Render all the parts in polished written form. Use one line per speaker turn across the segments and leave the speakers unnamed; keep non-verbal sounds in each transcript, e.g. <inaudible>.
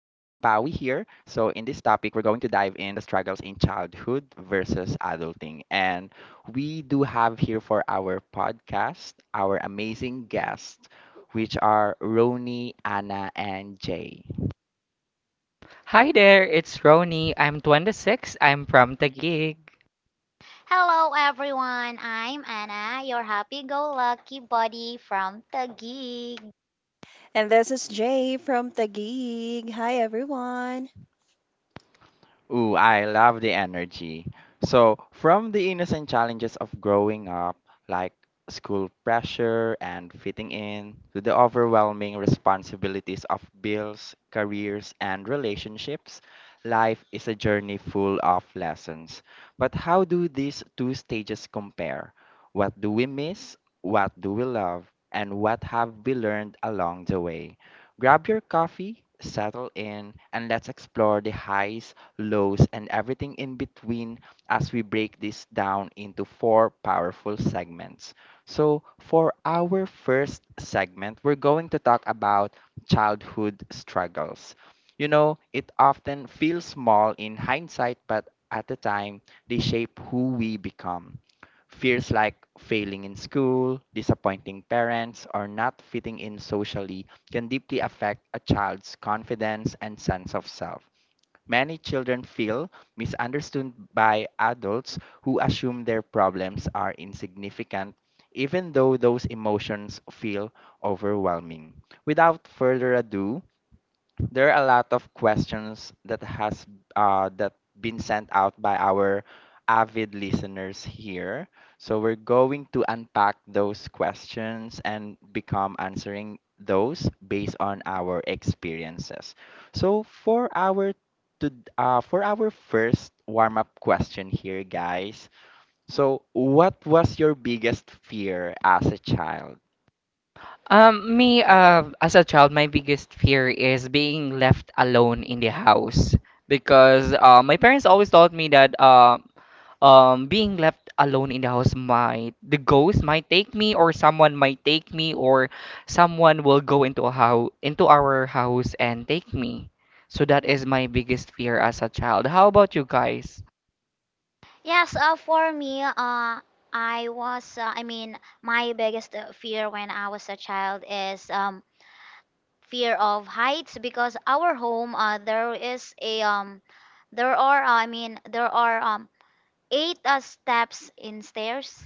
So, in this topic, we're going to dive in the struggles in childhood versus adulting. And we do have here for our podcast our amazing guests, which are Roni, Anna, and Jay.
Hi there, it's Roni. I'm 26. I'm from Taguig.
Hello everyone, I'm Anna, your happy-go-lucky buddy from Taguig.
And this is Jay from Taguig. Hi, everyone.
Ooh, I love the energy. So, from the innocent challenges of growing up, like school pressure and fitting in, to the overwhelming responsibilities of bills, careers, and relationships, life is a journey full of lessons. But how do these two stages compare? What do we miss? What do we love? And what have we learned along the way? Grab your coffee, settle in, and let's explore the highs, lows, and everything in between as we break this down into four powerful segments. So, for our first segment, we're going to talk about childhood struggles. You know, it often feels small in hindsight, but at the time, they shape who we become. Fears like failing in school, disappointing parents, or not fitting in socially can deeply affect a child's confidence and sense of self. Many children feel misunderstood by adults who assume their problems are insignificant, even though those emotions feel overwhelming. Without further ado, there are a lot of questions that been sent out by our avid listeners here. So we're going to unpack those questions and become answering those based on our experiences. So to for our first warm up question here, guys. So what was your biggest fear as a child?
As a child, my biggest fear is being left alone in the house because my parents always taught me that being left alone in the house might the ghost might take me or someone might take me or someone will go into a house into our house and take me. So that is my biggest fear as a child. How about you guys?
Yes, for me, I was, my biggest fear when I was a child is fear of heights because our home, there is a, there are, I mean, there are eight steps in stairs.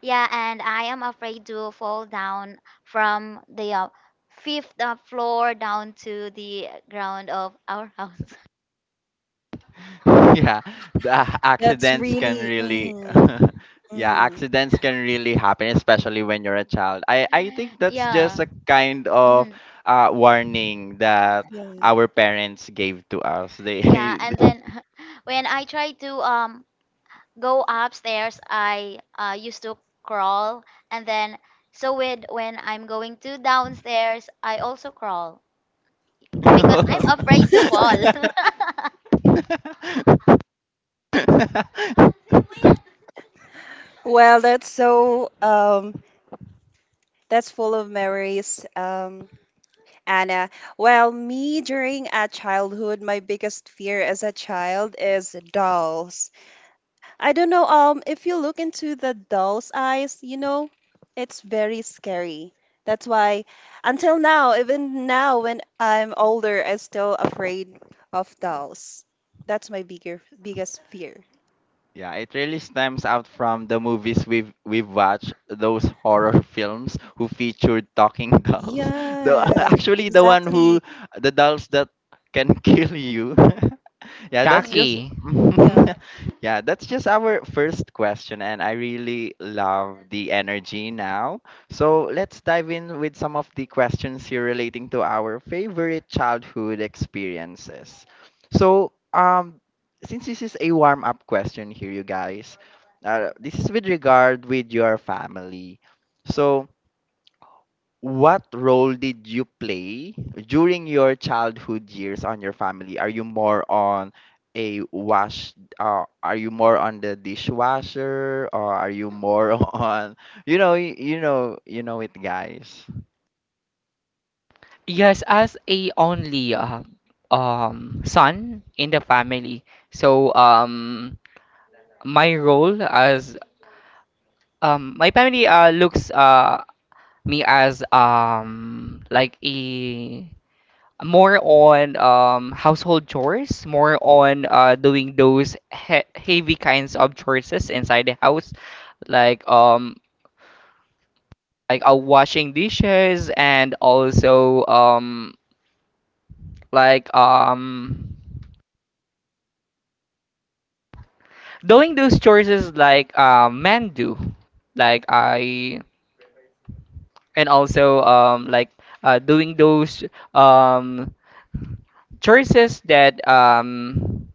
Yeah, and I am afraid to fall down from the fifth floor down to the ground of our <laughs> house.
<laughs> Yeah, the
That's
accidents can
really,
really.
hmm
<laughs> Yeah,
hmm
accidents can really happen, especially when you're a child. I think
<laughs>
that's
Yeah.
just a kind of
Mhm.
warning that
Yeah.
our parents gave to us. They.
Yeah, and then <laughs> when I try to go upstairs, I used to crawl, and then so with when I'm going to downstairs, I also crawl because <laughs> I'm afraid to fall. <laughs>
<laughs> <laughs>
Well, that's full of memories, Anna. Well, me during a childhood, my biggest fear as a child is dolls. I don't know. If you look into the doll's eyes, you know, it's very scary. That's why, until now, even now when I'm older, I'm still afraid of dolls. That's my bigger biggest fear.
Yeah, it really stems out from the movies we've watched, those horror <laughs> films who featured talking dolls. <laughs> The
Yes,
actually the one
exactly.
who the dolls that can kill you. <laughs> Yeah, that's just.
Chucky.
Yeah.
<laughs> Yeah, that's just our first question, and I really love the energy now. So let's dive in with some of the questions here relating to our favorite childhood experiences. So since this is a warm up question here, you guys, this is with regard with your family. So, what role did you play during your childhood years on your family? Are you more on a wash? Are you more on the dishwasher, or are you more <laughs> on you know it, guys?
Yes, as a only son in the family. So my role as my family looks me as like a more on household chores, more on doing those he heavy kinds of chores inside the house, like washing dishes and also like um. doing those choices like men do, like I and also, doing those, um, choices that,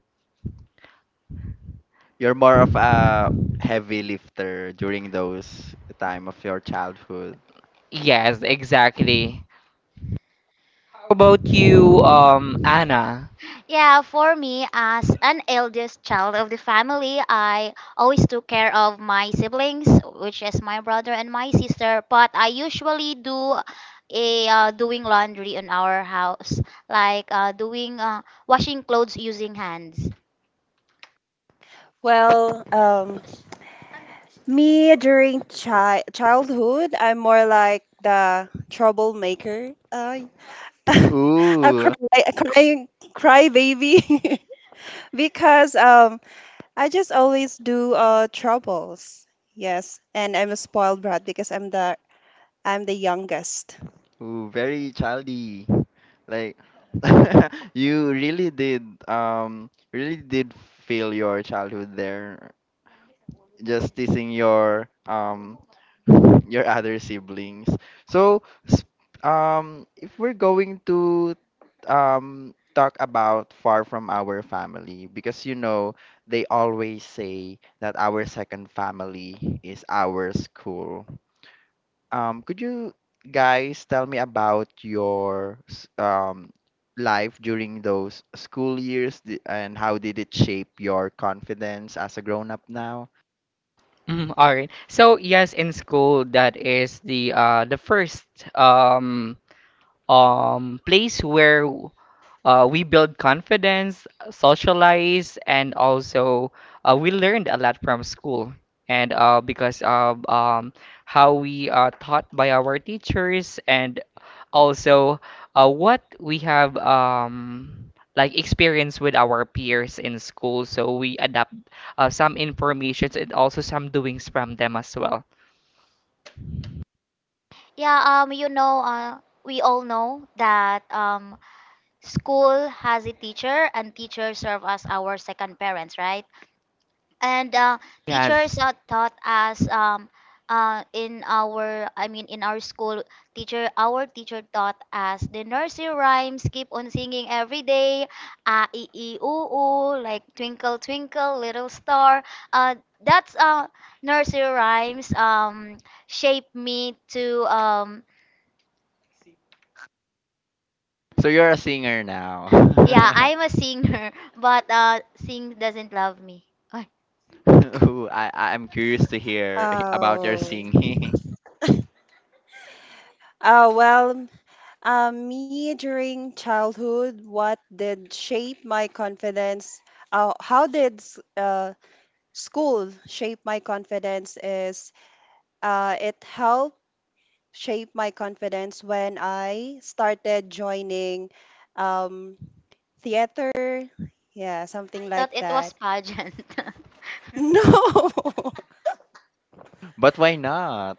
You're more of a heavy lifter during those time of your childhood.
yes, exactly. How about you, Anna?
Yeah, for me, as an eldest child of the family, I always took care of my siblings, which is my brother and my sister. But I usually do a doing laundry in our house, like doing washing clothes using hands.
Well, me during childhood, I'm more like the troublemaker. <laughs> A
Ooh.
cry, a crying cry baby. <laughs> Because I just always do troubles. Yes, and I'm a spoiled brat because I'm the youngest.
Ooh, very childy. Like <laughs> you really did feel your childhood there, just teasing your other siblings. So s- if we're going to talk about far from our family, because you know they always say that our second family is our school. Could you guys tell me about your life during those school years, and how did it shape your confidence as a grown up now?
All right, so yes, in school, that is the first, place where we build confidence, socialize, and also we learned a lot from school. And because of how we are taught by our teachers, and also what we have, like experience with our peers in school, so we adapt some informations and also some doings from them as well.
Yeah, you know, we all know that school has a teacher, and teachers serve as our second parents, right? and
Yes.
Teachers taught us in our I mean in our school teacher our teacher taught us the nursery rhymes, keep on singing every day, ee ee oo oo, like Twinkle Twinkle Little Star. Uh, that's Nursery rhymes shaped me to
So you're a singer now.
yeah,
<laughs>
I'm a singer. <laughs> But sing doesn't love me I
Ooh, I'm curious to hear <laughs> about your
Oh.
singing.
Oh well, me during childhood, what did shape my confidence? Uh, how did s- uh, school shape my confidence? Is it helped shape my confidence when I started joining um, theater. Yeah, something
Thought
like
it
that.
was
<laughs>
pageant. <laughs>
No.
<laughs> But why not?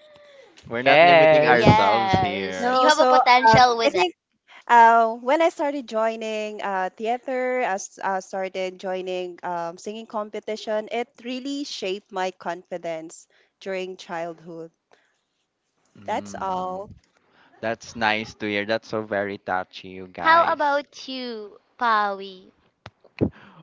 We're not limiting
Yes.
ourselves
Yes,
here.
you
No,
have a
so
potential
I
with that.
think when I started joining theater, I started joining singing competition. It really shaped my confidence during childhood. That's
Mm,
all.
that's nice to hear. That's so very touchy, you
How
guys.
about you, Pawi?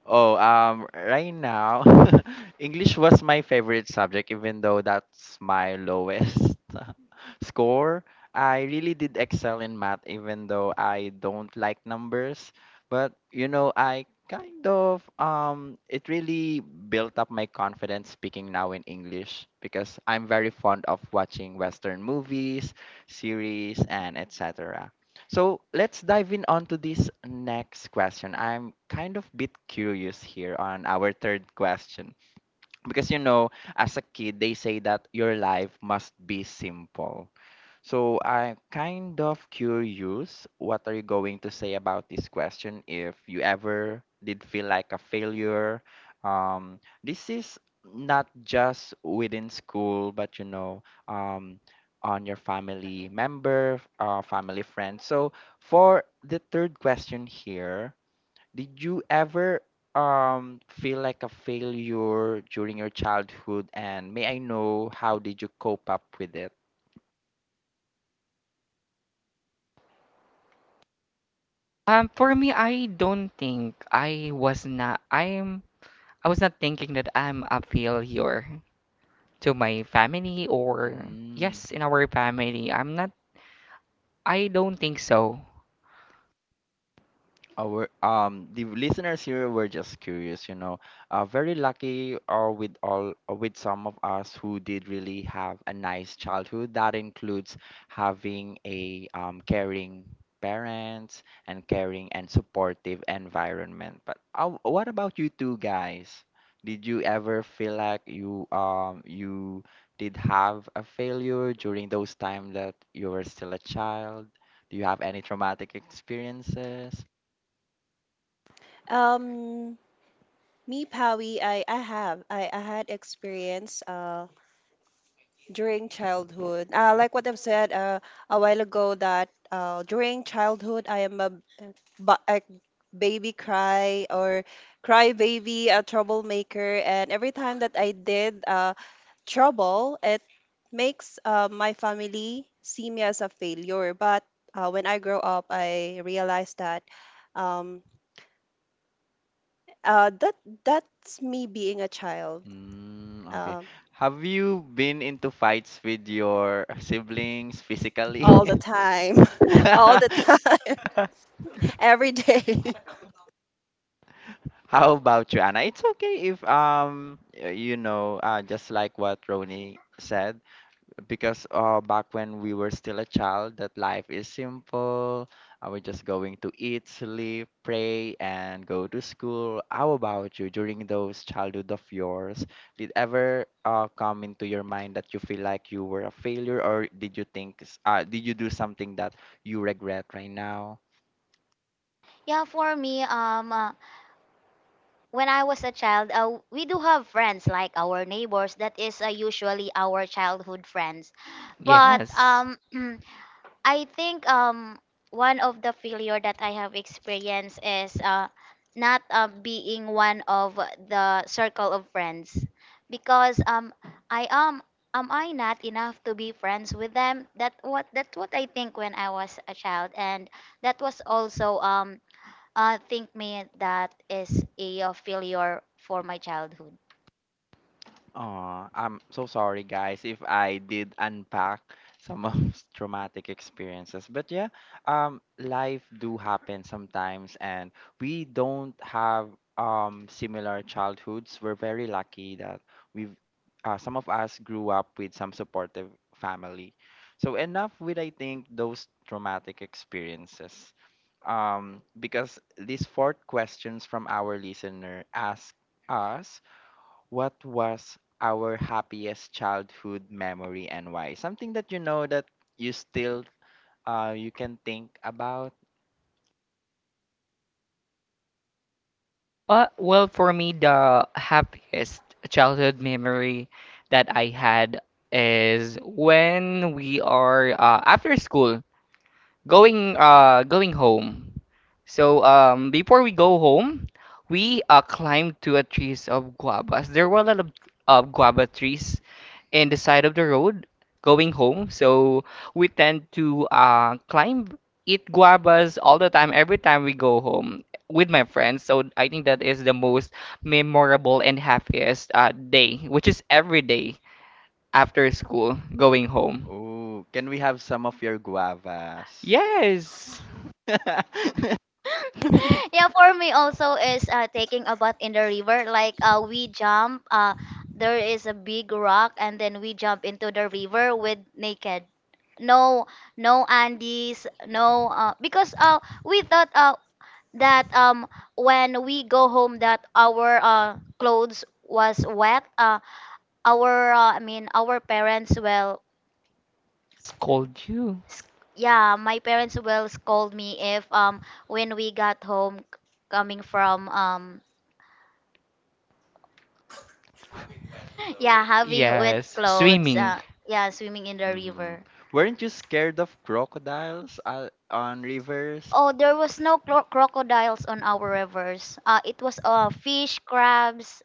Oh, right now, <laughs> English was my favorite subject, even though that's my lowest <laughs> score. I really did excel in math, even though I don't like numbers. But I kind of it really built up my confidence speaking now in English, because I'm very fond of watching Western movies, series, and etc. So let's dive in onto this next question. I'm kind of bit curious here on our third question because as a kid, they say that your life must be simple. So I'm kind of curious, what are you going to say about this question if you ever did feel like a failure? This is not just within school, but on your family member, family friend. So for the third question here, did you ever feel like a failure during your childhood? And may I know how did you cope up with it?
For me, I don't think I was not. I'm. I was not thinking that I'm a failure to my family. Or
Mm.
yes, in our family, I'm not. I don't think so.
Our the listeners here were just curious. Very lucky, or with some of us who did really have a nice childhood. That includes having a caring parents and caring and supportive environment. But what about you two guys? Did you ever feel like you did have a failure during those time that you were still a child? Do you have any traumatic experiences?
Um, Me, Pawi, I had experience during childhood, like what I've said a while ago that during childhood I am a ba- a baby cry or cry baby, a troublemaker. And every time that I did trouble, it makes my family see me as a failure. But when I grow up, I realized that um, uh, that that's me being a child,
Mm, okay.
uh,
Have you been into fights with your siblings physically?
all the time. <laughs> All the
<laughs>
time,
<laughs>
every day.
How about you, Anna? It's okay if just like what Roni said, because back when we were still a child, that life is simple. We're just going to eat, sleep, pray, and go to school. How about you during those childhood of yours? Did ever come into your mind that you feel like you were a failure, or did you do something that you regret right now?
Yeah, For me, when I was a child, we do have friends like our neighbors. That is usually our childhood friends. But
Yes.
um, <clears throat> I think one of the failure that I have experienced is not being one of the circle of friends because I am I not enough to be friends with them? That what, that's what I think when I was a child, and that was also think me that is a, failure for my childhood.
Oh, I'm so sorry, guys, if I did unpack some of <laughs> traumatic experiences. But yeah, life do happen sometimes, and we don't have similar childhoods. We're very lucky that we've some of us grew up with some supportive family. So enough with, I think, those traumatic experiences. Because these fourth questions from our listener ask us what was our happiest childhood memory and why? Something that you know that you still you can think about.
Well, for me, the happiest childhood memory that I had is when we are after school. Going going home. So before we go home, we climbed to a trees of guavas. There were a lot of guava trees in the side of the road going home. So we tend to climb, eat guavas all the time every time we go home with my friends. So I think that is the most memorable and happiest day, which is every day after school going home.
Oh, can we have some of your guavas?
Yes,
<laughs>
<laughs>
<laughs> Yeah, for me also is taking a bath in the river, like we jump, there is a big rock and then we jump into the river with naked. No, no andes, no, because we thought that when we go home that our clothes was wet, our I mean our parents will
scold you.
sc- yeah, my parents will scold me if when we got home, c- coming from yeah, having wet
Yes,
clothes.
swimming.
Yeah, swimming in the
Hmm.
river.
Weren't you scared of crocodiles on rivers?
Oh, there was no crocodiles on our rivers. It was fish, crabs.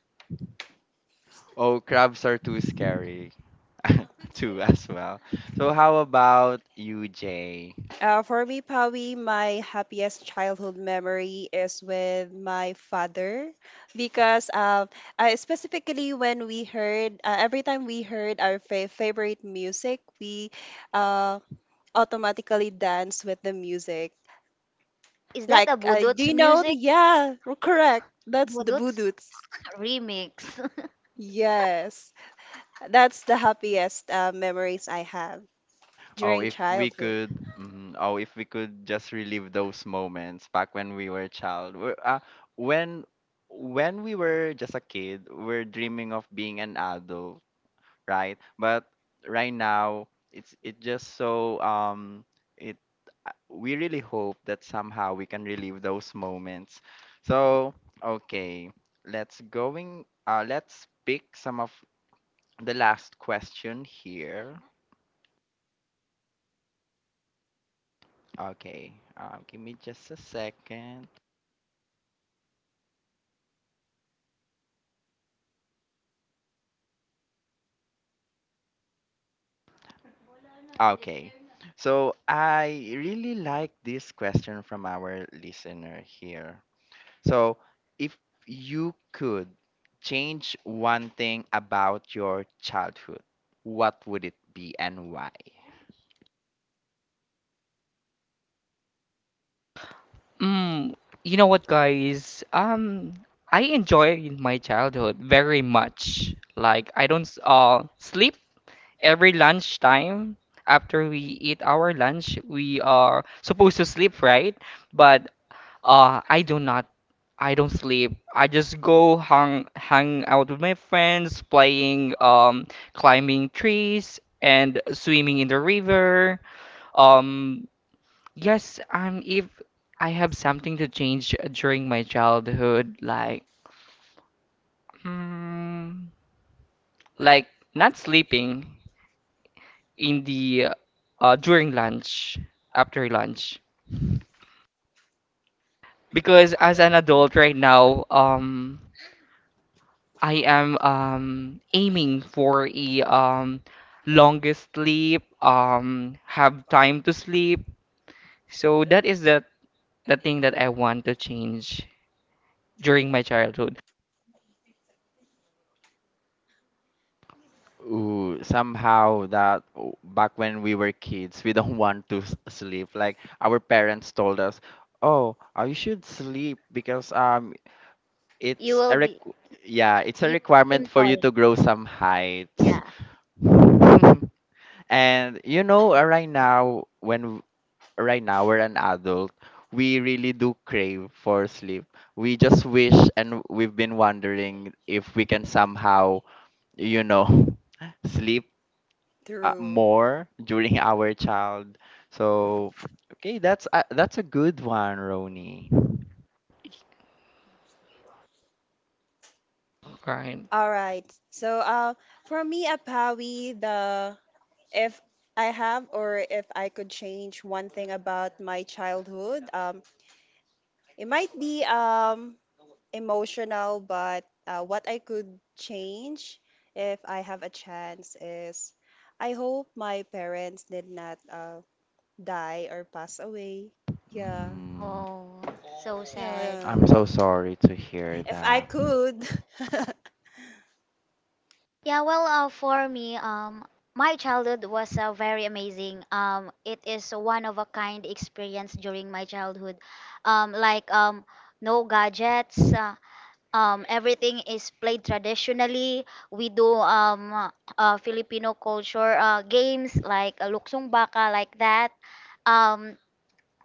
Oh, crabs are too scary <laughs> too as well. So how about you, Jay?
For me, Pawi, my happiest childhood memory is with my father because specifically when we heard, every time we heard our favorite music, we uh, automatically dance with the music.
Is that a
Like, do
Budots
you know?
music?
Yeah, correct. That's the
Budots
voodoos.
remix.
Yes, that's the happiest memories I have
Oh,
during
if we
childhood.
could, mhm, oh, if we could just relive those moments back when we were a child. When when we were just a kid, we're dreaming of being an adult, right? But right now, it just so, it we really hope that somehow we can relive those moments. So, okay, let's going let's pick some of the last question here. Okay, give me just a second. Okay, so I really like this question from our listener here. So, if you could change one thing about your childhood, what would it be and why?
Mm, you know what, guys? I enjoy my childhood very much. Like I don't sleep every lunchtime. After we eat our lunch, we are supposed to sleep, right? But I do not. I don't sleep. I just go hang out with my friends, playing, climbing trees and swimming in the river. Um, Yes, if I have something to change during my childhood, like, mm, like not sleeping in the during lunch, after lunch, because as an adult right now, I am aiming for a longest sleep, have time to sleep. So that is the thing that I want to change during my childhood,
Ooh, somehow that, oh, back when we were kids, we <laughs> don't want to sleep. Like our parents told us, "Oh, you should sleep because
<laughs> You
it's
will
a
be.
requ-. Yeah, it's a
You became
requirement
<laughs>
for you
tall.
to grow some heights."
Yeah.
<laughs> And right now we're an adult, we really do crave for sleep. We just wish and we've been wondering if we can somehow, you know, <laughs> sleep
True.
more during <laughs> our child. So, okay, that's a good one, Roni.
right?
All right. So, for me, a Pawi, the if I have, or if I could change one thing about my childhood, it might be emotional, but what I could change if I have a chance is, I hope my parents did not die or pass away. Yeah,
Mm,
Oh, so
yeah,
sad.
yeah.
I'm so sorry to hear
If I
that.
could. <laughs>
Yeah, well, for me, my childhood was very amazing. It is one of a kind experience during my childhood. Um, like um, no gadgets. Everything is played traditionally. We do Filipino culture games like luksong baka, like that. Um,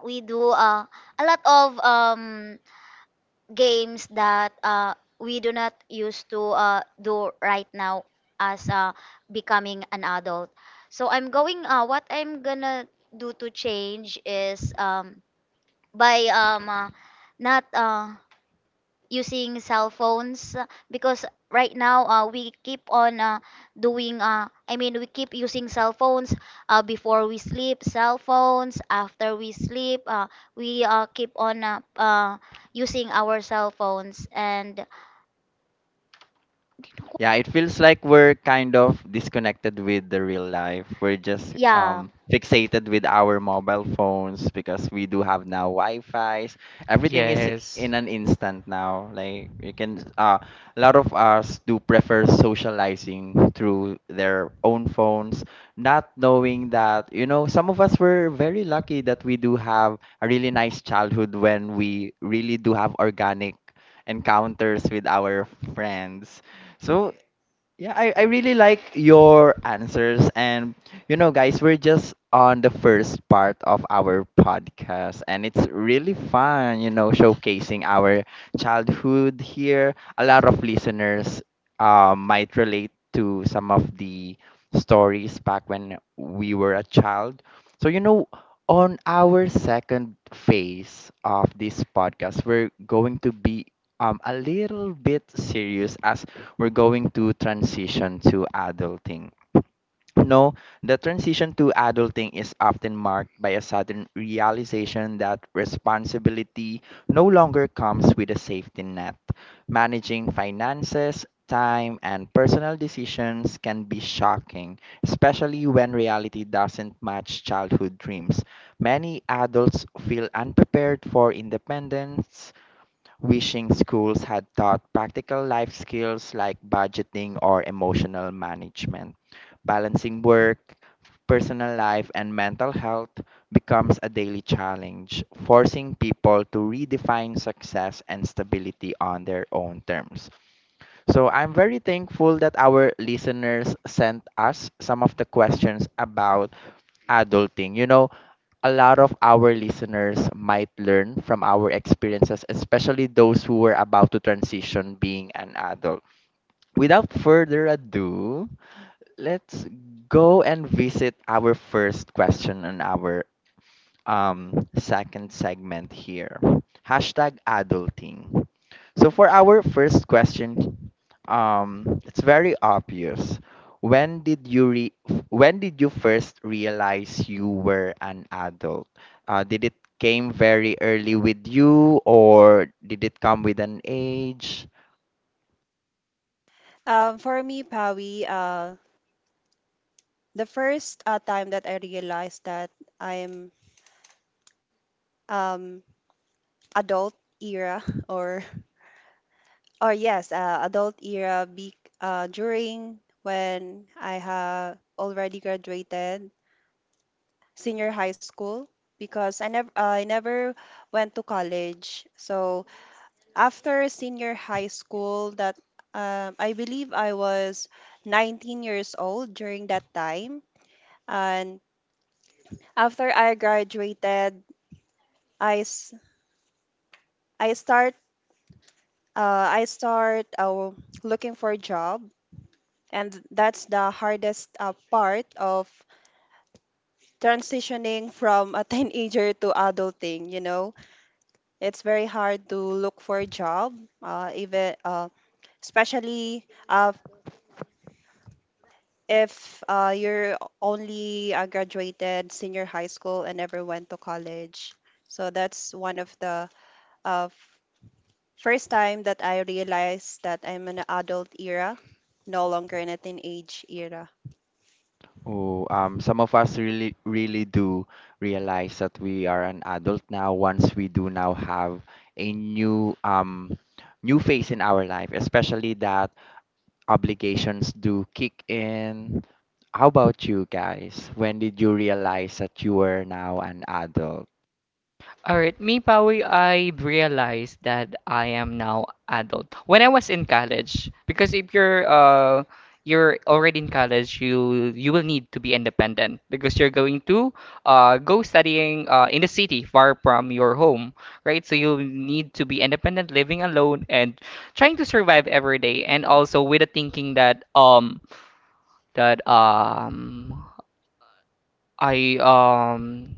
we do a lot of games that we do not used to do right now as becoming an adult. So I'm going. What I'm gonna do to change is by not. Using cell phones, because right now we keep on doing I mean we keep using cell phones, before we sleep, cell phones after we sleep, we keep on using our cell phones and
Yeah, it feels like we're kind of disconnected with the real life. We're just
yeah.
fixated with our mobile phones because we do have now Wi-Fi's. Everything is
Yes.
in an instant now. Like you can a lot of us do prefer socializing through their own phones, not knowing that, some of us were very lucky that we do have a really nice childhood when we really do have organic encounters with our friends. So yeah, I really like your answers. And, guys, we're just on the first part of our podcast. And it's really fun, showcasing our childhood here. A lot of listeners might relate to some of the stories back when we were a child. So, on our second phase of this podcast, we're going to be a little bit serious as we're going to transition to adulting. No, the transition to adulting is often marked by a sudden realization that responsibility no longer comes with a safety net. Managing finances, time, and personal decisions can be shocking, especially when reality doesn't match childhood dreams. Many adults feel unprepared for independence, wishing schools had taught practical life skills like budgeting or emotional management. Balancing work, personal life, and mental health becomes a daily challenge, forcing people to redefine success and stability on their own terms. So I'm very thankful that our listeners sent us some of the questions about adulting. You know, a lot of our listeners might learn from our experiences, especially those who were about to transition being an adult. Without further ado, let's go and visit our first question on our um, second segment here. Hashtag adulting. So for our first question, it's very obvious. When did you when did you first realize you were an adult? Did it came very early with you, or did it come with an age?
For me, Pawi, the first time that I realized that I'm um, adult era <laughs> or or yes, adult era during when I have already graduated senior high school because I never went to college. So after senior high school, that I believe I was 19 years old during that time. And after I graduated, I I start I start looking for a job. And that's the hardest part of transitioning from a <laughs> teenager to adulting. You know, it's very hard to look for a job, even especially if you're only graduated senior high school and never went to college. So that's one of the uh, first time that I realized that I'm in an adult era, no longer in a teenage era.
Oh, some of us really do realize that we are an adult now once we do now have a new, new phase in our life, especially that obligations do kick in. How about you guys? When did you realize that you were now an adult?
All right, me, Pawi, I realized that I am now adult. When I was in college, because if you're you're already in college, you will need to be independent because you're going to go studying in the city far from your home, right? So you need to be independent, living alone and trying to survive every day, and also with the thinking that that I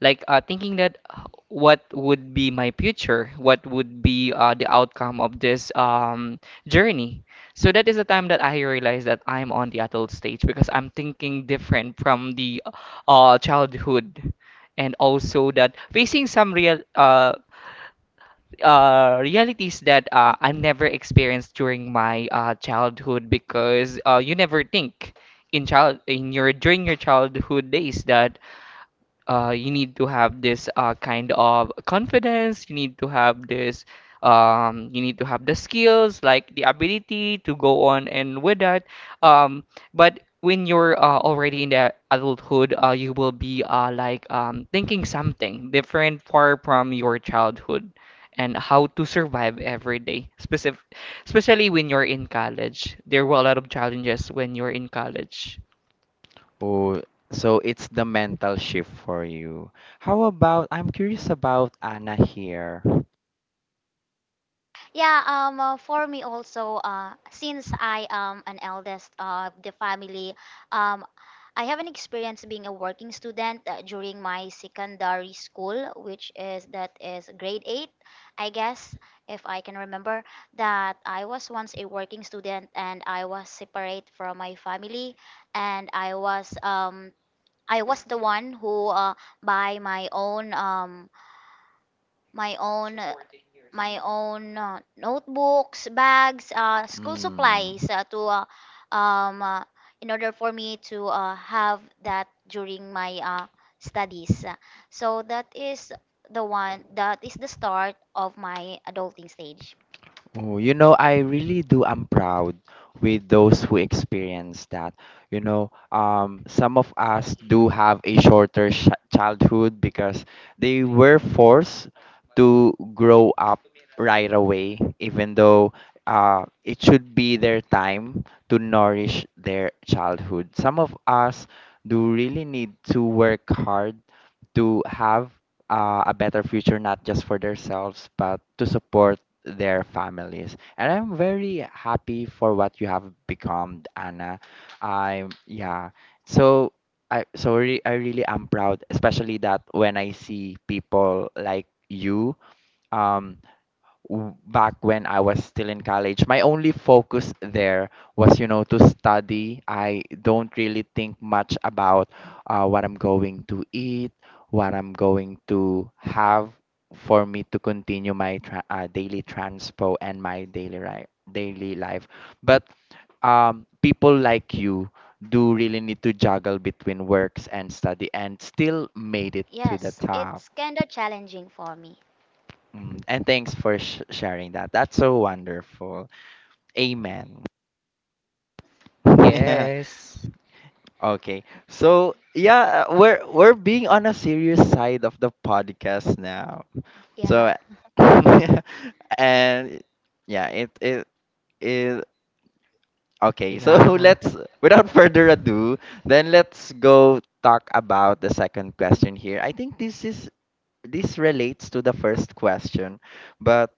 like thinking that what would be my future, what would be the outcome of this journey. So that is the time that I realized that I'm on the adult stage because I'm thinking different from the childhood, and also that facing some real realities that I never experienced during my childhood, because you never think in child in your during your childhood days that you need to have this kind of confidence. You need to have this, you need to have the skills, like the ability to go on and with that. Um, but when you're already in the adulthood, you will be thinking something different, far from your childhood, and how to survive every day. Especially when you're in college, there were a lot of challenges when you're in college.
Oh, so it's the mental shift for you. How about, I'm curious about Anna here.
Yeah, for me also, since I am an eldest of the family, um, I have an experience being a working student during my secondary school, which is that is grade eight, I guess, if I can remember. That I was once a working student and I was separate from my family, and I was the one who buy my own my own uh, my own notebooks, bags, school
Mm.
supplies to um, uh, in order for me to have that during my studies. So that is the one that is the start of my adulting stage.
Oh, you know, I really do. I'm proud with those who experience that. Some of us do have a shorter sh childhood because they were forced to grow up right away, even though it should be their time to nourish their childhood. Some of us do really need to work hard to have a better future, not just for themselves, but to support their families. And I'm very happy for what you have become, Anna. I'm yeah. So I I really am proud, especially that when I see people like you, um, back when I was still in college, my only focus there was, you know, to study. I don't really think much about what I'm going to eat, what I'm going to have for me to continue my daily transpo and my daily life. But people like you do really need to juggle between works and study and still made it to the
Yes,
top.
it's kind of challenging for me.
Mm, and thanks for sharing that. That's so wonderful. Amen. <laughs> Yeah.
Yes.
Okay. So yeah, we're being on a serious side of the podcast now.
Yeah.
So <laughs> and yeah, it okay. So <laughs>
Yeah.
let's without further ado, then let's go talk about the second question here. I think this relates to the first question, but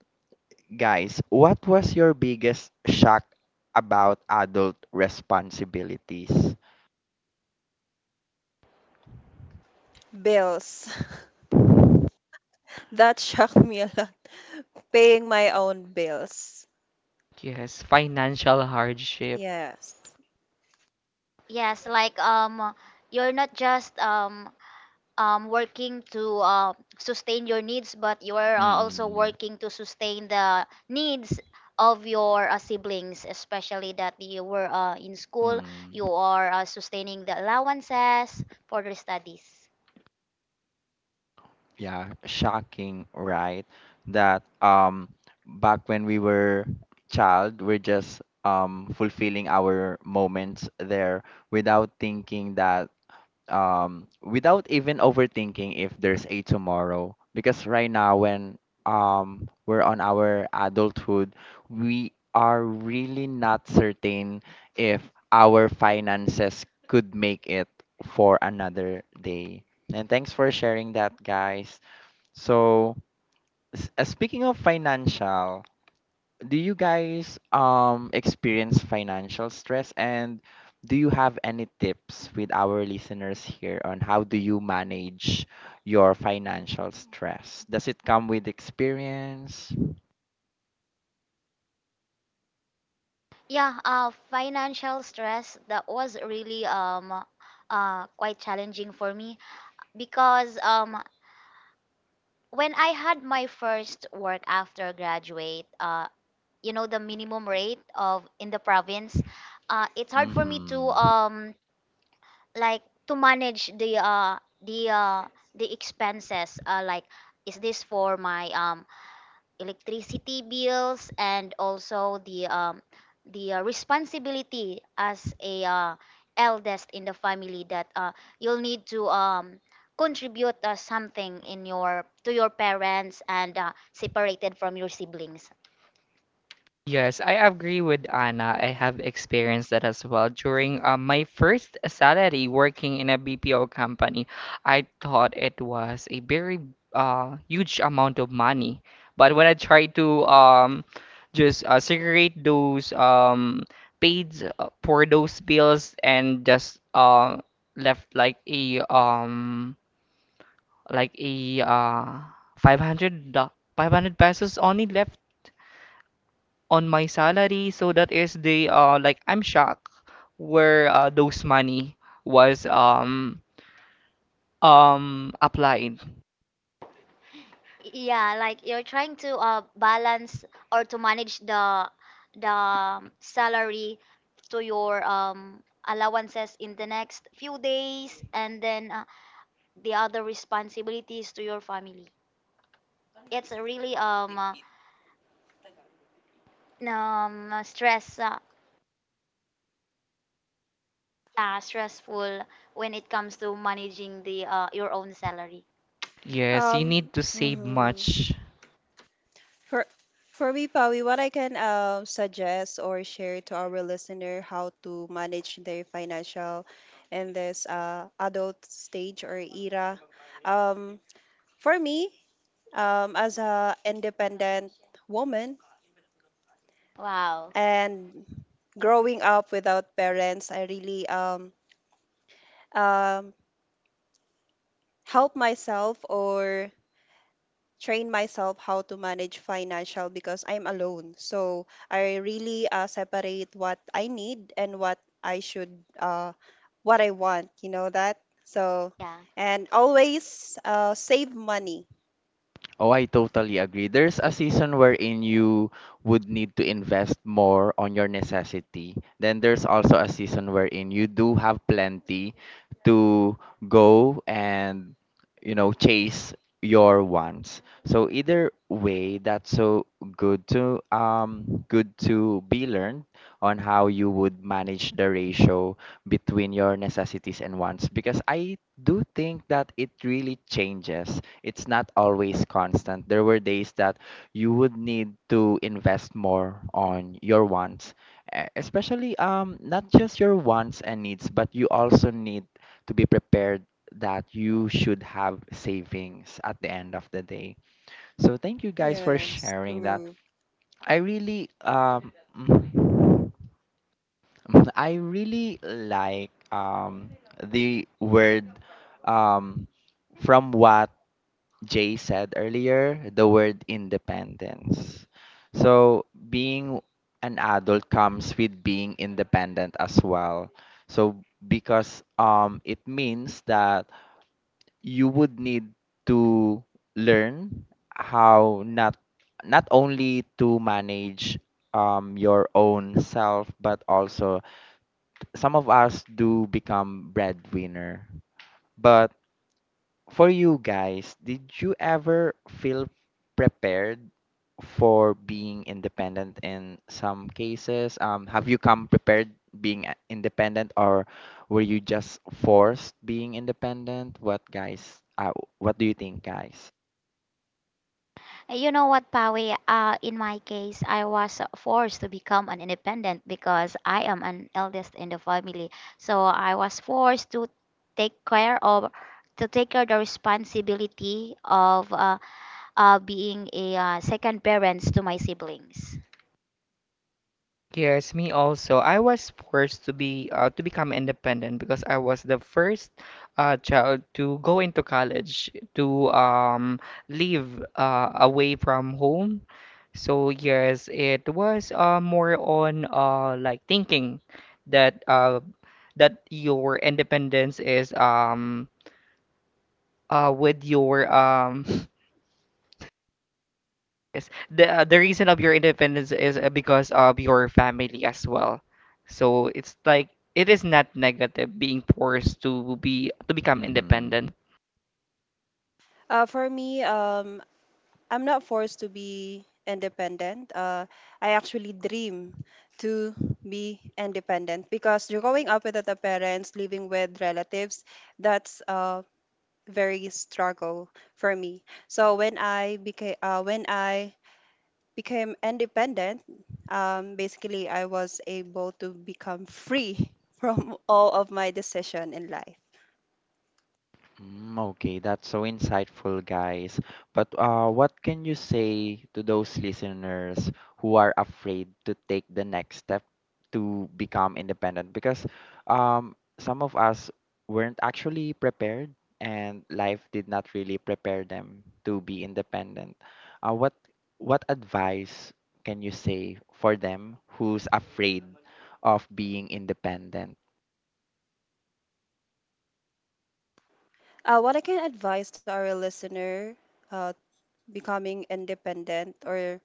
guys, what was your biggest shock about adult responsibilities?
Bills. <laughs> That shocked me a lot. Paying my own bills.
Yes, financial hardship.
Yes.
Yes, like you're not just working to sustain your needs, but you are also
Mm,
working to sustain the needs of your siblings, especially that you were in school.
mm,
You are sustaining the allowances for their studies.
yeah, shocking, right? That back when we were child, we're just fulfilling our moments there without thinking that without even overthinking if there's a tomorrow. Because right now, when we're on our adulthood, we are really not certain if our finances could make it for another day. And thanks for sharing that, guys. So, speaking of financial, do you guys experience financial stress, and do you have any tips with our listeners here on how do you manage your financial stress? Does it come with experience?
Yeah, financial stress, that was really quite challenging for me because when I had my first work after graduate, you know the minimum rate of in the province, it's hard for me to
Mm-hmm.
like to manage the uh the expenses, like is this for my electricity bills and also the responsibility as a, eldest in the family that you'll need to contribute something in your to your parents and separated from your siblings.
Yes, I agree with Anna. I have experienced that as well. During my first salary working in a BPO company, I thought it was a very huge amount of money. But when I tried to just segregate those paid for those bills and just left like a like a uh, 500 do- 500 pesos only left on my salary, so that is the like I'm shocked where those money was applied.
Yeah, like you're trying to balance or to manage the salary to your allowances in the next few days, and then the other responsibilities to your family. It's a really um uh, stress uh, stressful when it comes to managing the your own salary.
Yes, you
Um.
need to save
Mhm.
much.
For for me, Pawi, what I can suggest or share to our listener, how to manage their financial in this adult stage or era. Um. For me, as a independent woman
Wow.
and growing up without parents, I really um help myself or train myself how to manage financial because I'm alone. So I really separate what I need and what I should what I want. You know that. So
Yeah.
and always save money.
Oh, I totally agree. There's a season wherein you would need to invest more on your necessity. Then there's also a season wherein you do have plenty to go and, you know, chase your wants. So either way, that's so good to good to be learned on how you would manage the ratio between your necessities and wants, because I do think that it really changes. It's not always constant. There were days that you would need to invest more on your wants, especially not just your wants and needs, but you also need to be prepared that you should have savings at the end of the day. So thank you guys for
Yes,
sharing that.
true.
I really mhm. Mm, I really like the word um from what Jay said earlier, the word independence. So, being an adult comes with being independent as well. So, because it means that you would need to learn how not only to manage your own self, but also some of us do become breadwinner. But for you guys, did you ever feel prepared for being independent in some cases? Have you come prepared independent, or were you just forced being independent? What guys? What do you think, guys?
You know what, Pawi? In my case, I was forced to become an independent because I am an eldest in the family. So I was forced to take care of, to take care the responsibility of being a, second parents to my siblings.
Yes, me also. I was forced to be to become independent because I was the first child to go into college to live away from home. So yes, it was more on like thinking that that your independence is, with your, <laughs> yes, the reason of your independence is because of your family as well. So it's like it is not negative being forced to be to become
Mm-hmm.
independent.
For me, I'm not forced to be independent. I actually dream to be independent, because you're growing up without the parents, living with relatives. That's a very struggle for me. So when I became independent, basically I was able to become free <laughs> from all of my decision in life.
Mm, okay, that's so insightful, guys. But what can you say to those listeners who are afraid to take the next step to become independent? Because some of us weren't actually prepared, and life did not really prepare them to be independent. Uh, what what advice can you say for them who's afraid of being independent?
What I can advise to our listener uh, becoming independent or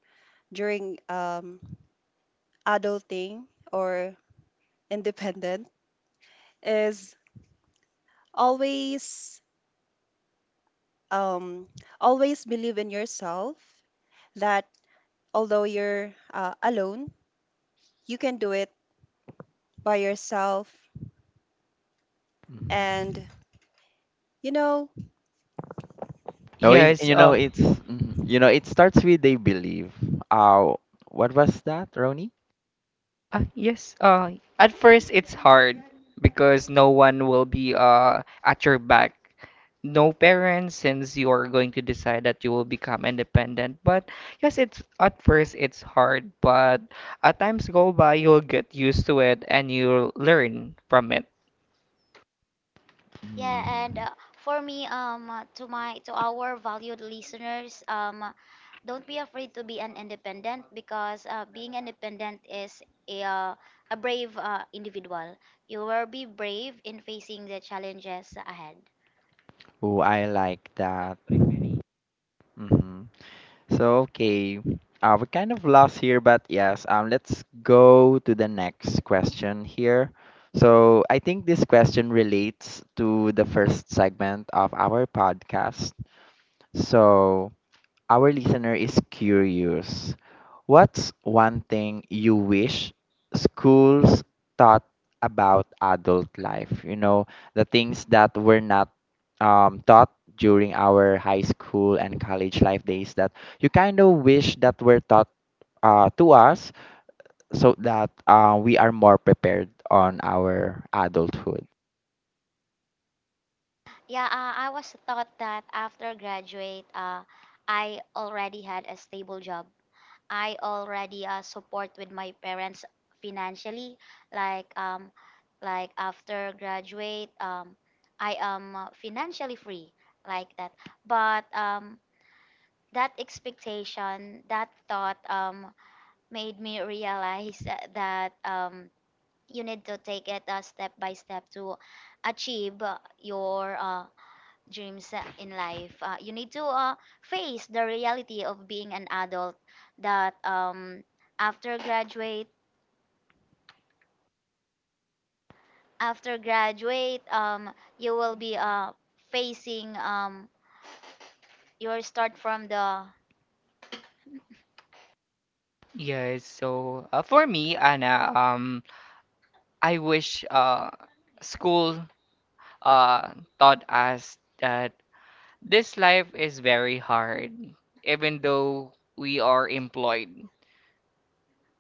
during adulting or independent is always, um, always believe in yourself. That although you're alone, you can do it by yourself.
Mhm.
And you know,
No,
Yes,
you know it's mhm. You know it starts with they believe. Uh, what was that, Roni?
yes, at first it's hard because no one will be at your back. No parents since you are going to decide that you will become independent. But yes, it's at first it's hard, but as times go by, you'll get used to it and you'll learn from it.
Yeah, and
Mm.
for me, to my to our valued listeners, don't be afraid to be an independent, because being independent is a, a brave individual. You will be brave in facing the challenges ahead.
Oh, I like that. Mm-hmm. So okay, we're kind of lost here, but yes, let's go to the next question here. So I think this question relates to the first segment of our podcast. So our listener is curious. What's one thing you wish schools taught about adult life? You know, the things that were not taught during our high school and college life days that you kind of wish that were taught to us so that we are more prepared on our adulthood.
Yeah, I was taught that after graduate, I already had a stable job, I already support with my parents financially. Like um, like after graduate, I am financially free, like that. But that expectation, that thought, made me realize that you need to take it step by step to achieve your dreams in life. You need to face the reality of being an adult that after graduate after graduate you will be facing your start from the
Yes, so for me, Anna, I wish school uh, taught us that this life is very hard, even though we are employed.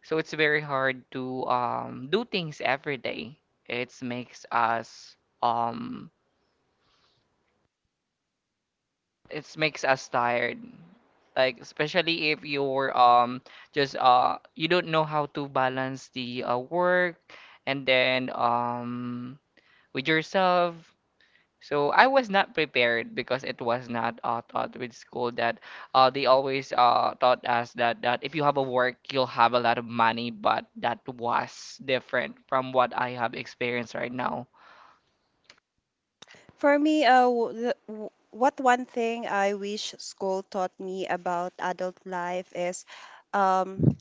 So it's very hard to do things every day. It makes us um, it makes us tired. Like especially if you're just you don't know how to balance the work and then with yourself. So I was not prepared because it was not taught with school that they always taught us that if you have a work, you'll have a lot of money, but that was different from what I have experienced right now.
for me, what one thing I wish school taught me about adult life is, um,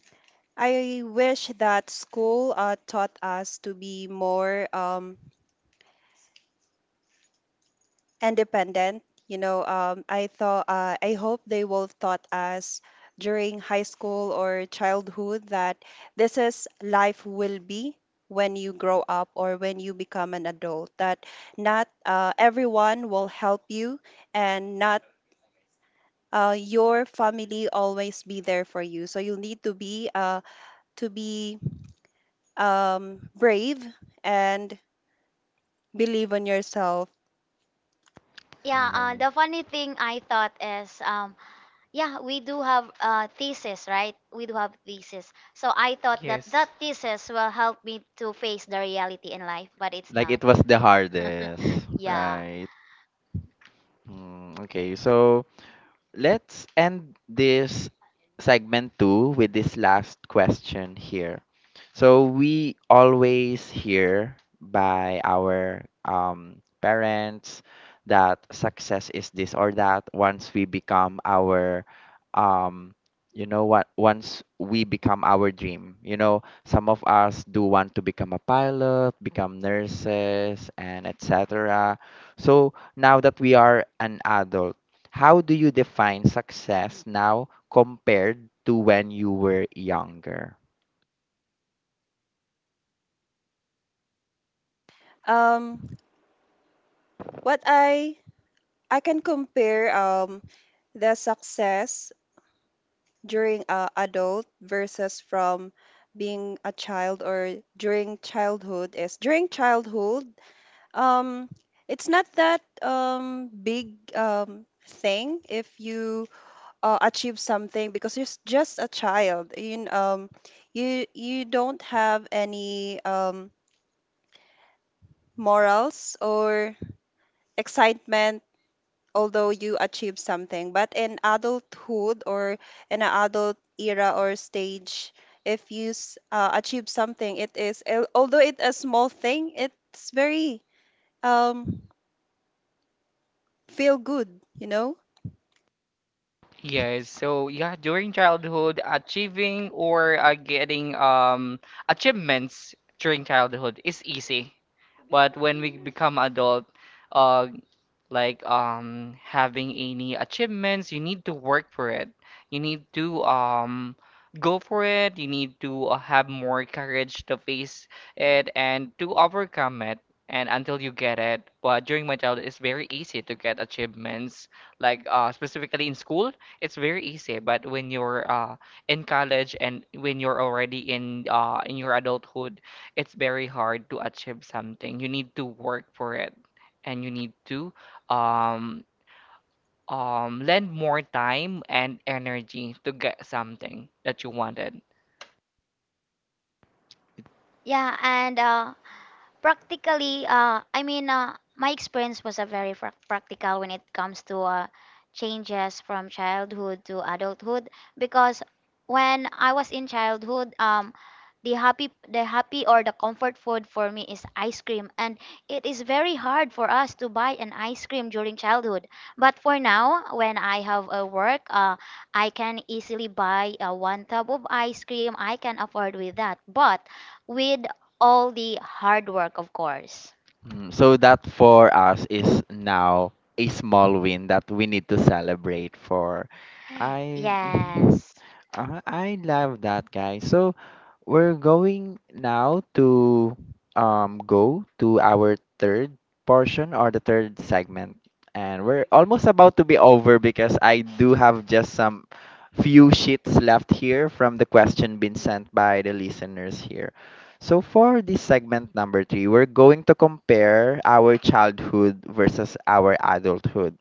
I wish that school taught us to be more independent. You know, I thought I hope they will taught us during high school or childhood that this is life will be when you grow up, or when you become an adult. That not everyone will help you, and not your family always be there for you. So you need to be brave and believe in yourself.
yeah
Mhm.
the funny thing I thought is yeah, we do have thesis, right? We do have thesis. So I thought that
Yes.
that thesis will help me to face the reality in life, but it's
Like
not.
it was the hardest,
<laughs> Yeah.
right? Mm, okay, so let's end this segment two with this last question here. So we always hear by our parents that success is this or that once we become our um you know what, once we become our dream, you know, some of us do want to become a pilot, become nurses, and etc. So now that we are an adult, how do you define success now compared to when you were younger?
Um, what I can compare the success during adult versus from being a child or during childhood is, during childhood, um, it's not that big thing if you achieve something, because you're just a child. You you you don't have any morals or excitement although you achieve something. But in adulthood, or in an adult era or stage, if you achieve something, it is although it's a small thing, it's very um feel good, you know.
Yes. So yeah, during childhood, achieving or getting achievements during childhood is easy, but when we become adult, uh, like having any achievements, you need to work for it. You need to go for it. You need to have more courage to face it and to overcome it and until you get it. But during my childhood, it's very easy to get achievements, like specifically in school, it's very easy. But when you're in college and when you're already in your adulthood, it's very hard to achieve something. You need to work for it, and you need to um lend more time and energy to get something that you wanted.
Yeah, and practically, my experience was a very frac practical when it comes to changes from childhood to adulthood, because when I was in childhood, the happy, the happy, or the comfort food for me is ice cream, and it is very hard for us to buy an ice cream during childhood. But for now, when I have a work, I can easily buy one tub of ice cream. I can afford with that, but with all the hard work, of course.
Mm, so that for us is now a small win that we need to celebrate for. I mhm.
Yes.
I love that guy. So we're going now to go to our third portion or the third segment. And we're almost about to be over, because I do have just some few sheets left here from the question being sent by the listeners here. So for this segment number three, we're going to compare our childhood versus our adulthood.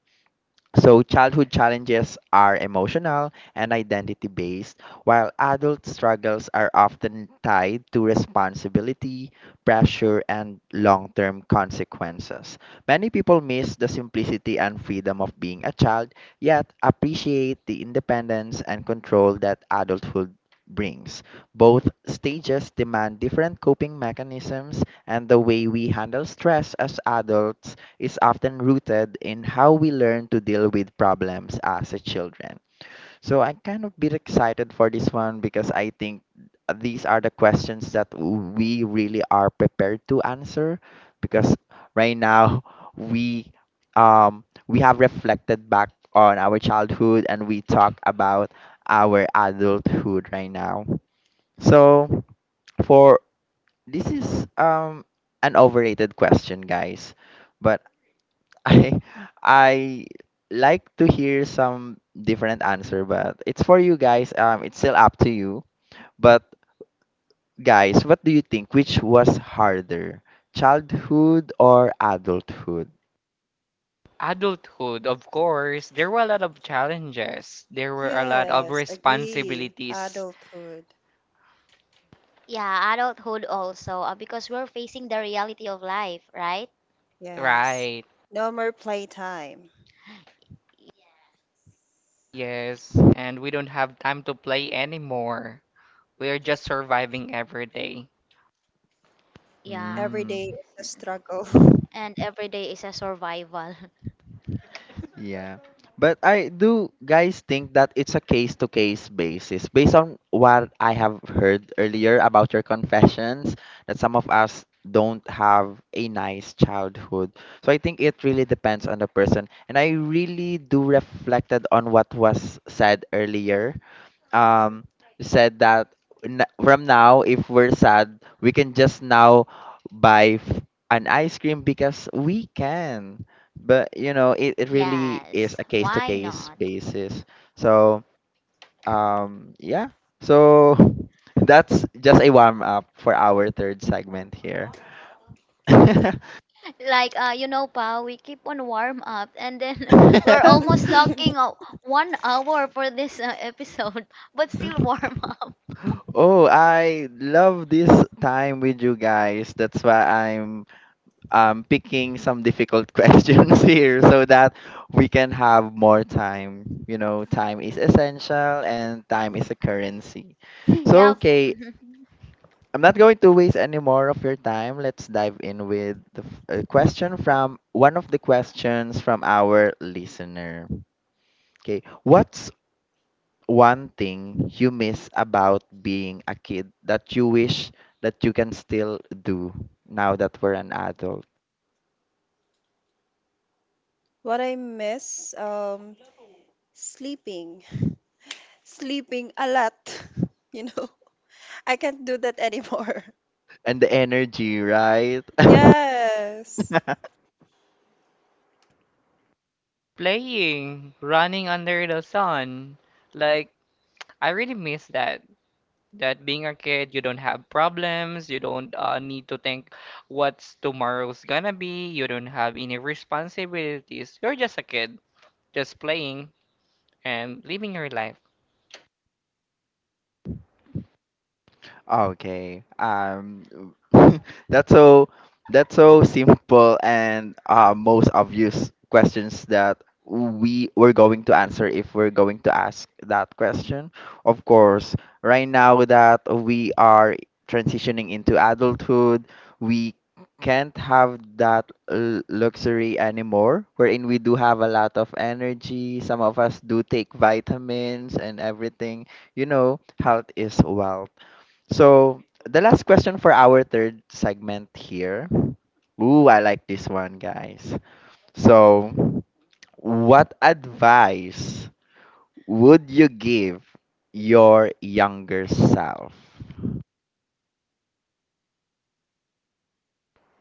So, childhood challenges are emotional and identity based, while adult struggles are often tied to responsibility, pressure, and long term consequences. Many people miss the simplicity and freedom of being a child, yet appreciate the independence and control that adulthood brings. Both stages demand different coping mechanisms, and the way we handle stress as adults is often rooted in how we learn to deal with problems as a children. So I'm kind of bit excited for this one, because I think these are the questions that we really are prepared to answer, because right now we um we have reflected back on our childhood and we talk about our adulthood right now. So for this is an overrated question, guys. But I I like to hear some different answer, but it's for you guys. It's still up to you. But guys, what do you think? Which was harder, childhood or adulthood?
Adulthood, of course, there were a lot of challenges. There were a lot of
Yes, agree.
responsibilities.
Adulthood.
Yeah, adulthood also, because we're facing the reality of life, right?
Yes.
Right.
No more playtime.
Yes, and we don't have time to play anymore. We are just surviving every day.
Yeah.
Every
Hmm.
day is a struggle.
And every day is a survival. <laughs>
Yeah. But I do guys think that it's a case to case basis based on what I have heard earlier about your confessions that some of us don't have a nice childhood. So I think it really depends on the person, and I really do reflected on what was said earlier um said that from now if we're sad we can just now buy f- an ice cream because we can. But you know it, it really is
Yes.
a case to
Why
case
not?
basis, so yeah. So <laughs> that's just a warm up for our third segment here. <laughs>
<laughs> Like you know, pa we keep on warm up, and then <laughs> we're almost
<laughs>
talking
<laughs>
1 hour for this episode, <laughs> but still warm up.
Oh, I love this time with you guys. That's why I'm picking some difficult <laughs> questions here so that we can have more time. You know, time is essential and time is a currency. So,
Yeah.
<laughs>
okay,
<laughs>
I'm not going to waste any more of your time. Let's dive in with a question from one of the questions from our listener. Okay, what's one thing you miss about being a kid that you wish that you can still do now that we're an adult?
What I miss, sleeping, sleeping a lot. <laughs> You know, I can't do that anymore. <laughs>
And the energy, right?
Yes.
<laughs>
Playing, running under the sun. Like, I really miss that, that being a kid, you don't have problems, you don't need to think what's tomorrow's gonna be, you don't have any responsibilities. You're just a kid, just playing and living your life.
Okay. <laughs> That's that's so simple, and most obvious questions that we were going to answer if we're going to ask that question. Of course, right now that we are transitioning into adulthood, we can't have that luxury anymore, wherein we do have a lot of energy. Some of us do take vitamins and everything. You know, health is wealth. So the last question for our third segment here. Ooh, I like this one, guys. So, what advice would you give your younger self?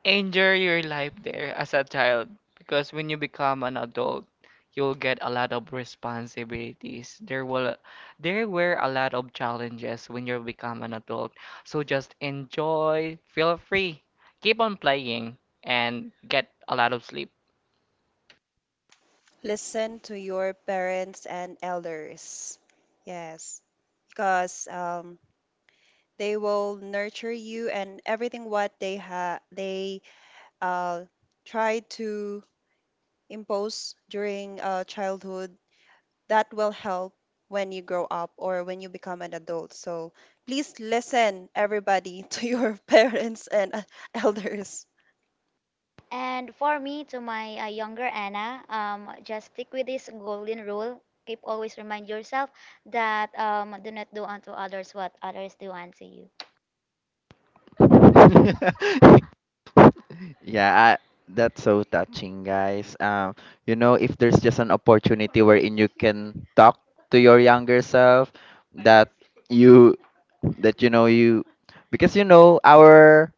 Enjoy your life there as a child, because when you become an adult, you'll get a lot of responsibilities. There were a lot of challenges when you become an adult. So just enjoy, feel free, keep on playing, and get a lot of sleep.
Listen to your parents and elders. Yes, because they will nurture you, and everything what they ha they uh, try to impose during childhood, that will help when you grow up or when you become an adult. So please listen, everybody, <laughs> to your parents and elders.
And for me, to my younger Anna, just stick with this golden rule. Keep always remind yourself that do not do unto others what others do unto you.
<laughs> Yeah, that's so touching, guys. You know, if there's just an opportunity wherein you can talk to your younger self, that you that you know you, because you know our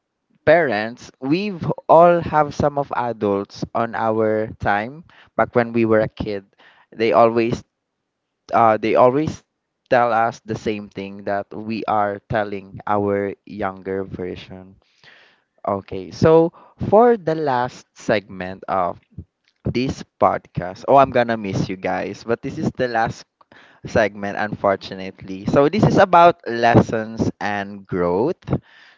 parents, we've all have some of adults on our time back when we were a kid. They always they always tell us the same thing that we are telling our younger version. Okay, so for the last segment of this podcast, oh, I'm gonna miss you guys, but this is the last segment, unfortunately. So, this is about lessons and growth.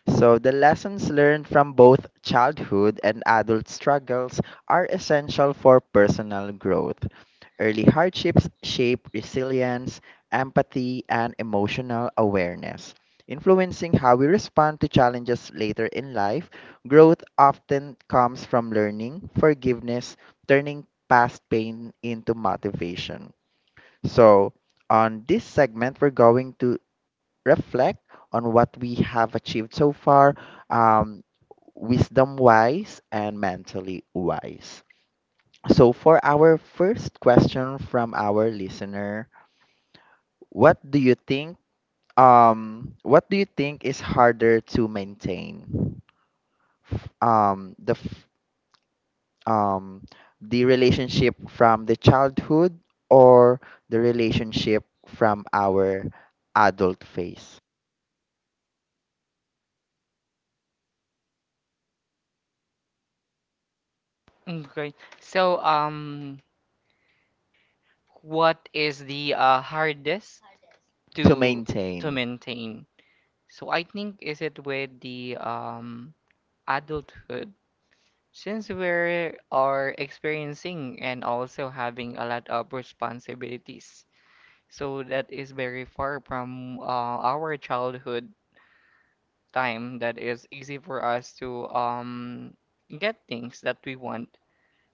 So, the lessons learned from both childhood and adult struggles are essential for personal growth. Early hardships shape resilience, empathy, and emotional awareness, influencing how we respond to challenges later in life. Growth often comes from learning, forgiveness, turning past pain into motivation. So, on this segment, we're going to reflect on what we have achieved so far, um, wisdom wise and mentally wise. So, for our first question from our listener, what do you think? What do you think is harder to maintain? F- Um, the f- um, the relationship from the childhood or the relationship from our adult phase
Okay. So, what is the hardest
to
to to
maintain.
maintain? So I think is it with the adulthood, since we are experiencing and also having a lot of responsibilities. So that is very far from our childhood time that is easy for us to get things that we want.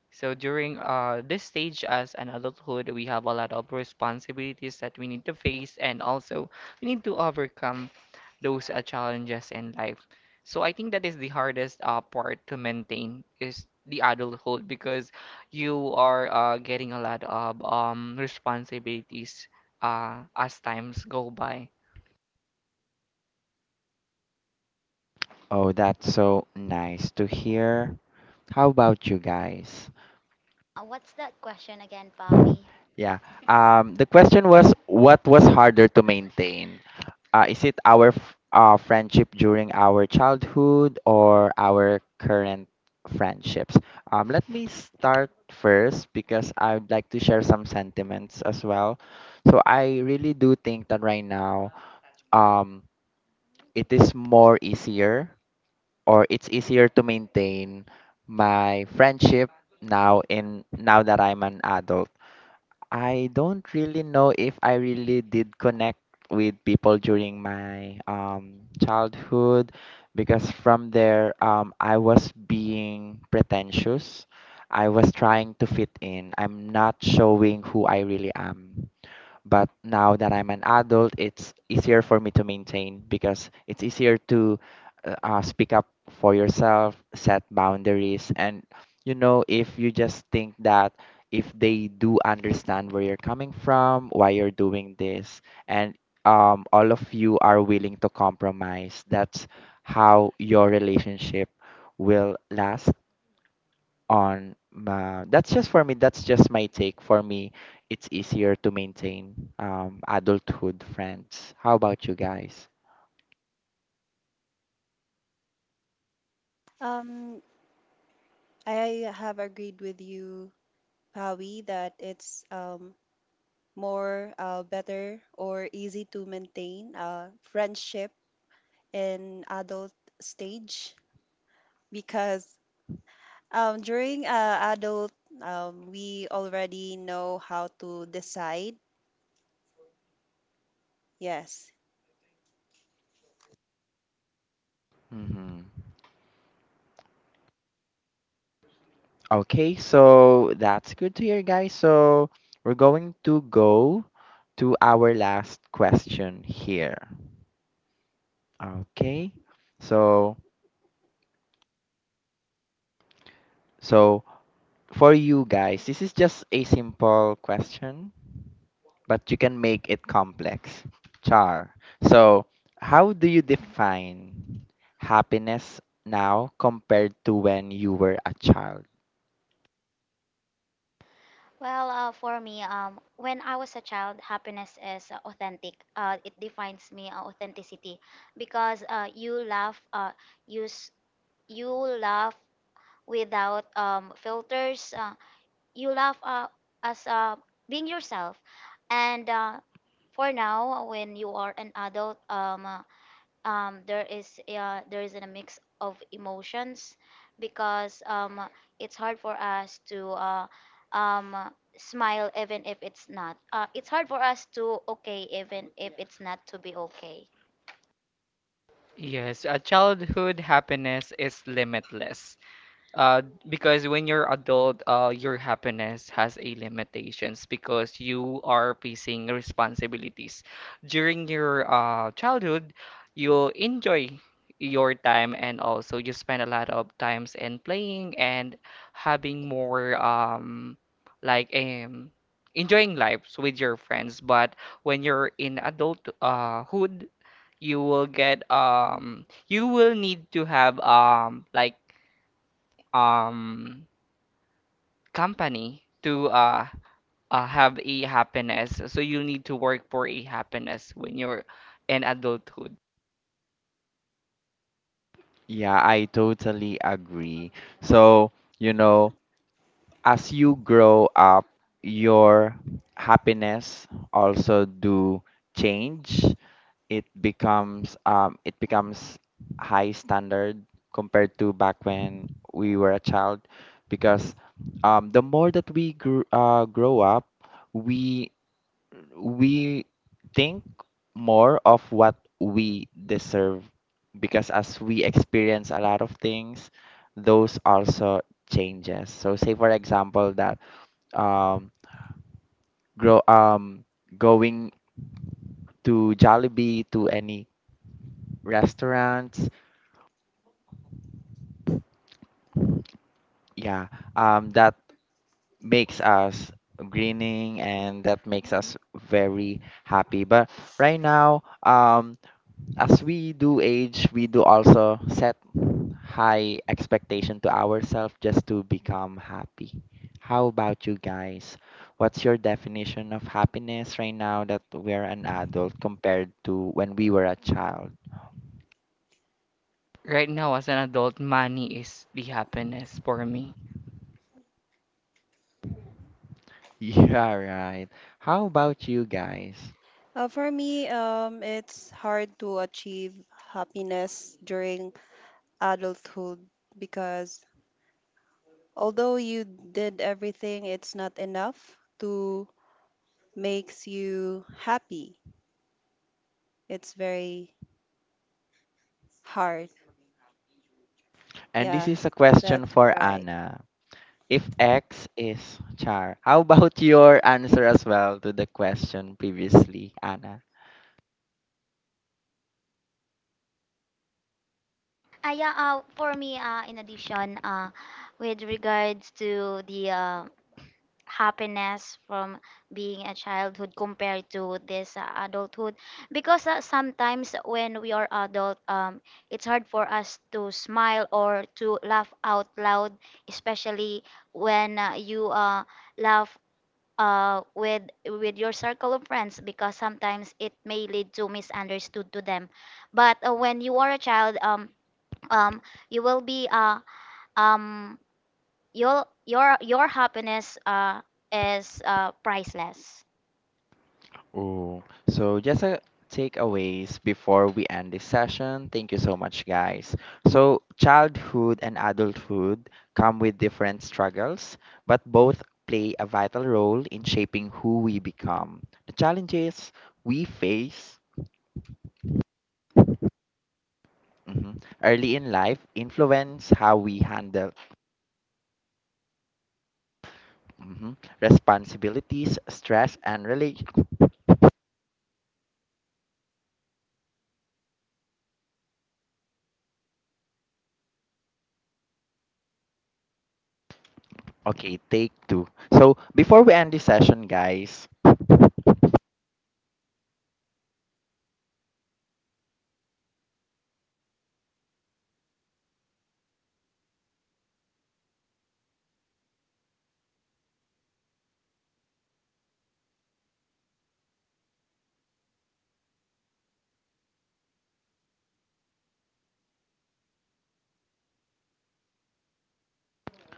So during this stage as an adulthood, we have a lot of responsibilities that we need to face, and also we need to overcome those challenges in life. So I think that is the hardest part to maintain is the adulthood, because you are getting a lot of responsibilities as times go by.
Oh, that's so nice to hear. How about you guys?
What's that question again, Pawi?
Yeah. The question was what was harder to maintain? Is it our friendship during our childhood or our current friendships? Let me start first because I would like to share some sentiments as well. So I really do think that right now, um, it is more easier or it's easier to maintain my friendship now that I'm an adult. I don't really know if I really did connect with people during my childhood, because from there I was being pretentious. I was trying to fit in. I'm not showing who I really am. But now that I'm an adult, it's easier for me to maintain, because it's easier to speak up for yourself, set boundaries, and you know, if you just think that if they do understand where you're coming from, why you're doing this, and all of you are willing to compromise, that's how your relationship will last. That's just for me, that's just my take. For me it's easier to maintain adulthood friends. How about you guys?
Um, I have agreed with you, Pawi, that it's more better or easy to maintain friendship in adult stage, because during adult, we already know how to decide. Yes.
Hmm. Okay, so that's good to hear, guys. So we're going to go to our last question here. Okay. So so for you guys, this is just a simple question, but you can make it complex. Char. So, how do you define happiness now compared to when you were a child?
Well, for me, when I was a child, happiness is authentic. It defines me authenticity because you laugh, you s- you laugh without filters. You love as being yourself, and for now when you are an adult, there is a mix of emotions because it's hard for us to um, uh, smile, even if it's not it's hard for us to okay, even if it's not to be okay.
Yes, a childhood happiness is limitless. Uh, because when you're adult, your happiness has a limitations because you are facing responsibilities. During your childhood, you enjoy your time, and also you spend a lot of times in playing and having more like um enjoying lives with your friends. But when you're in adult hood, you will get you will need to have um company to have a happiness. So you need to work for a happiness when you're in adulthood.
Yeah, I totally agree. So, you know, as you grow up, your happiness also do change. It becomes it becomes high standard compared to back when we were a child, because the more that we grow up, we we think more of what we deserve, because as we experience a lot of things, those also changes. So say for example that um grow going to Jollibee, to any restaurants. Yeah, that makes us grinning and that makes us very happy. But right now, as we do age, we do also set high expectation to ourselves just to become happy. How about you guys? What's your definition of happiness right now that we're an adult compared to when we were a child? <laughs>
Right now, as an adult, money is the happiness for me.
Yeah, right. How about you guys?
For me, it's hard to achieve happiness during adulthood, because although you did everything, it's not enough to makes you happy. It's very hard.
And this
Yeah,
is a question
that's
for
right.
Anna. If X is char, how about <laughs> your answer as well to the question previously, Anna?
Ah yeah, for me, in addition, with regards to the happiness from being a childhood compared to this adulthood, because sometimes when we are adult, it's hard for us to smile or to laugh out loud, especially when you laugh uh, with with your circle of friends, because sometimes it may lead to misunderstood to them. But when you are a child, um, you will be, um, your happiness is priceless.
Oh, so just a takeaways before we end this session. Thank you so much, guys. So, childhood and adulthood come with different struggles, but both play a vital role in shaping who we become. The challenges we face mhm, early in life influence how we handle Mhm. responsibilities, stress, and really— Okay, take two. So before we end this session, guys—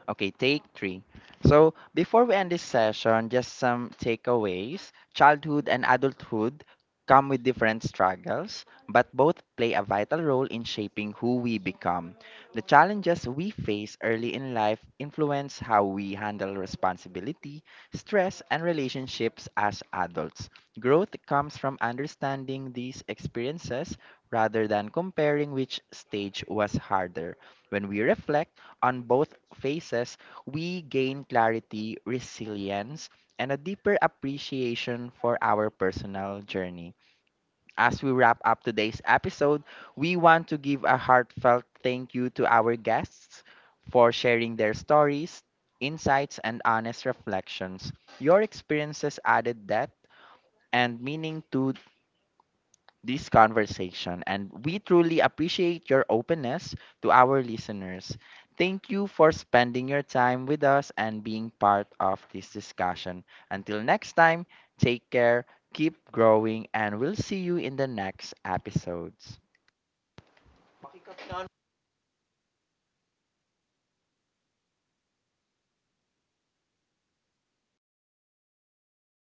Okay, take three. So, before we end this session, just some takeaways. Childhood and adulthood come with different struggles, but both play a vital role in shaping who we become. The challenges we face early in life influence how we handle responsibility, stress, and relationships as adults. Growth comes from understanding these experiences rather than comparing which stage was harder. When we reflect on both phases, we gain clarity, resilience, and a deeper appreciation for our personal journey. As we wrap up today's episode, we want to give a heartfelt thank you to our guests for sharing their stories, insights, and honest reflections. Your experiences added depth and meaning to this conversation, and we truly appreciate your openness. To our listeners: thank you for spending your time with us and being part of this discussion. Until next time, take care, keep growing, and we'll see you in the next episodes.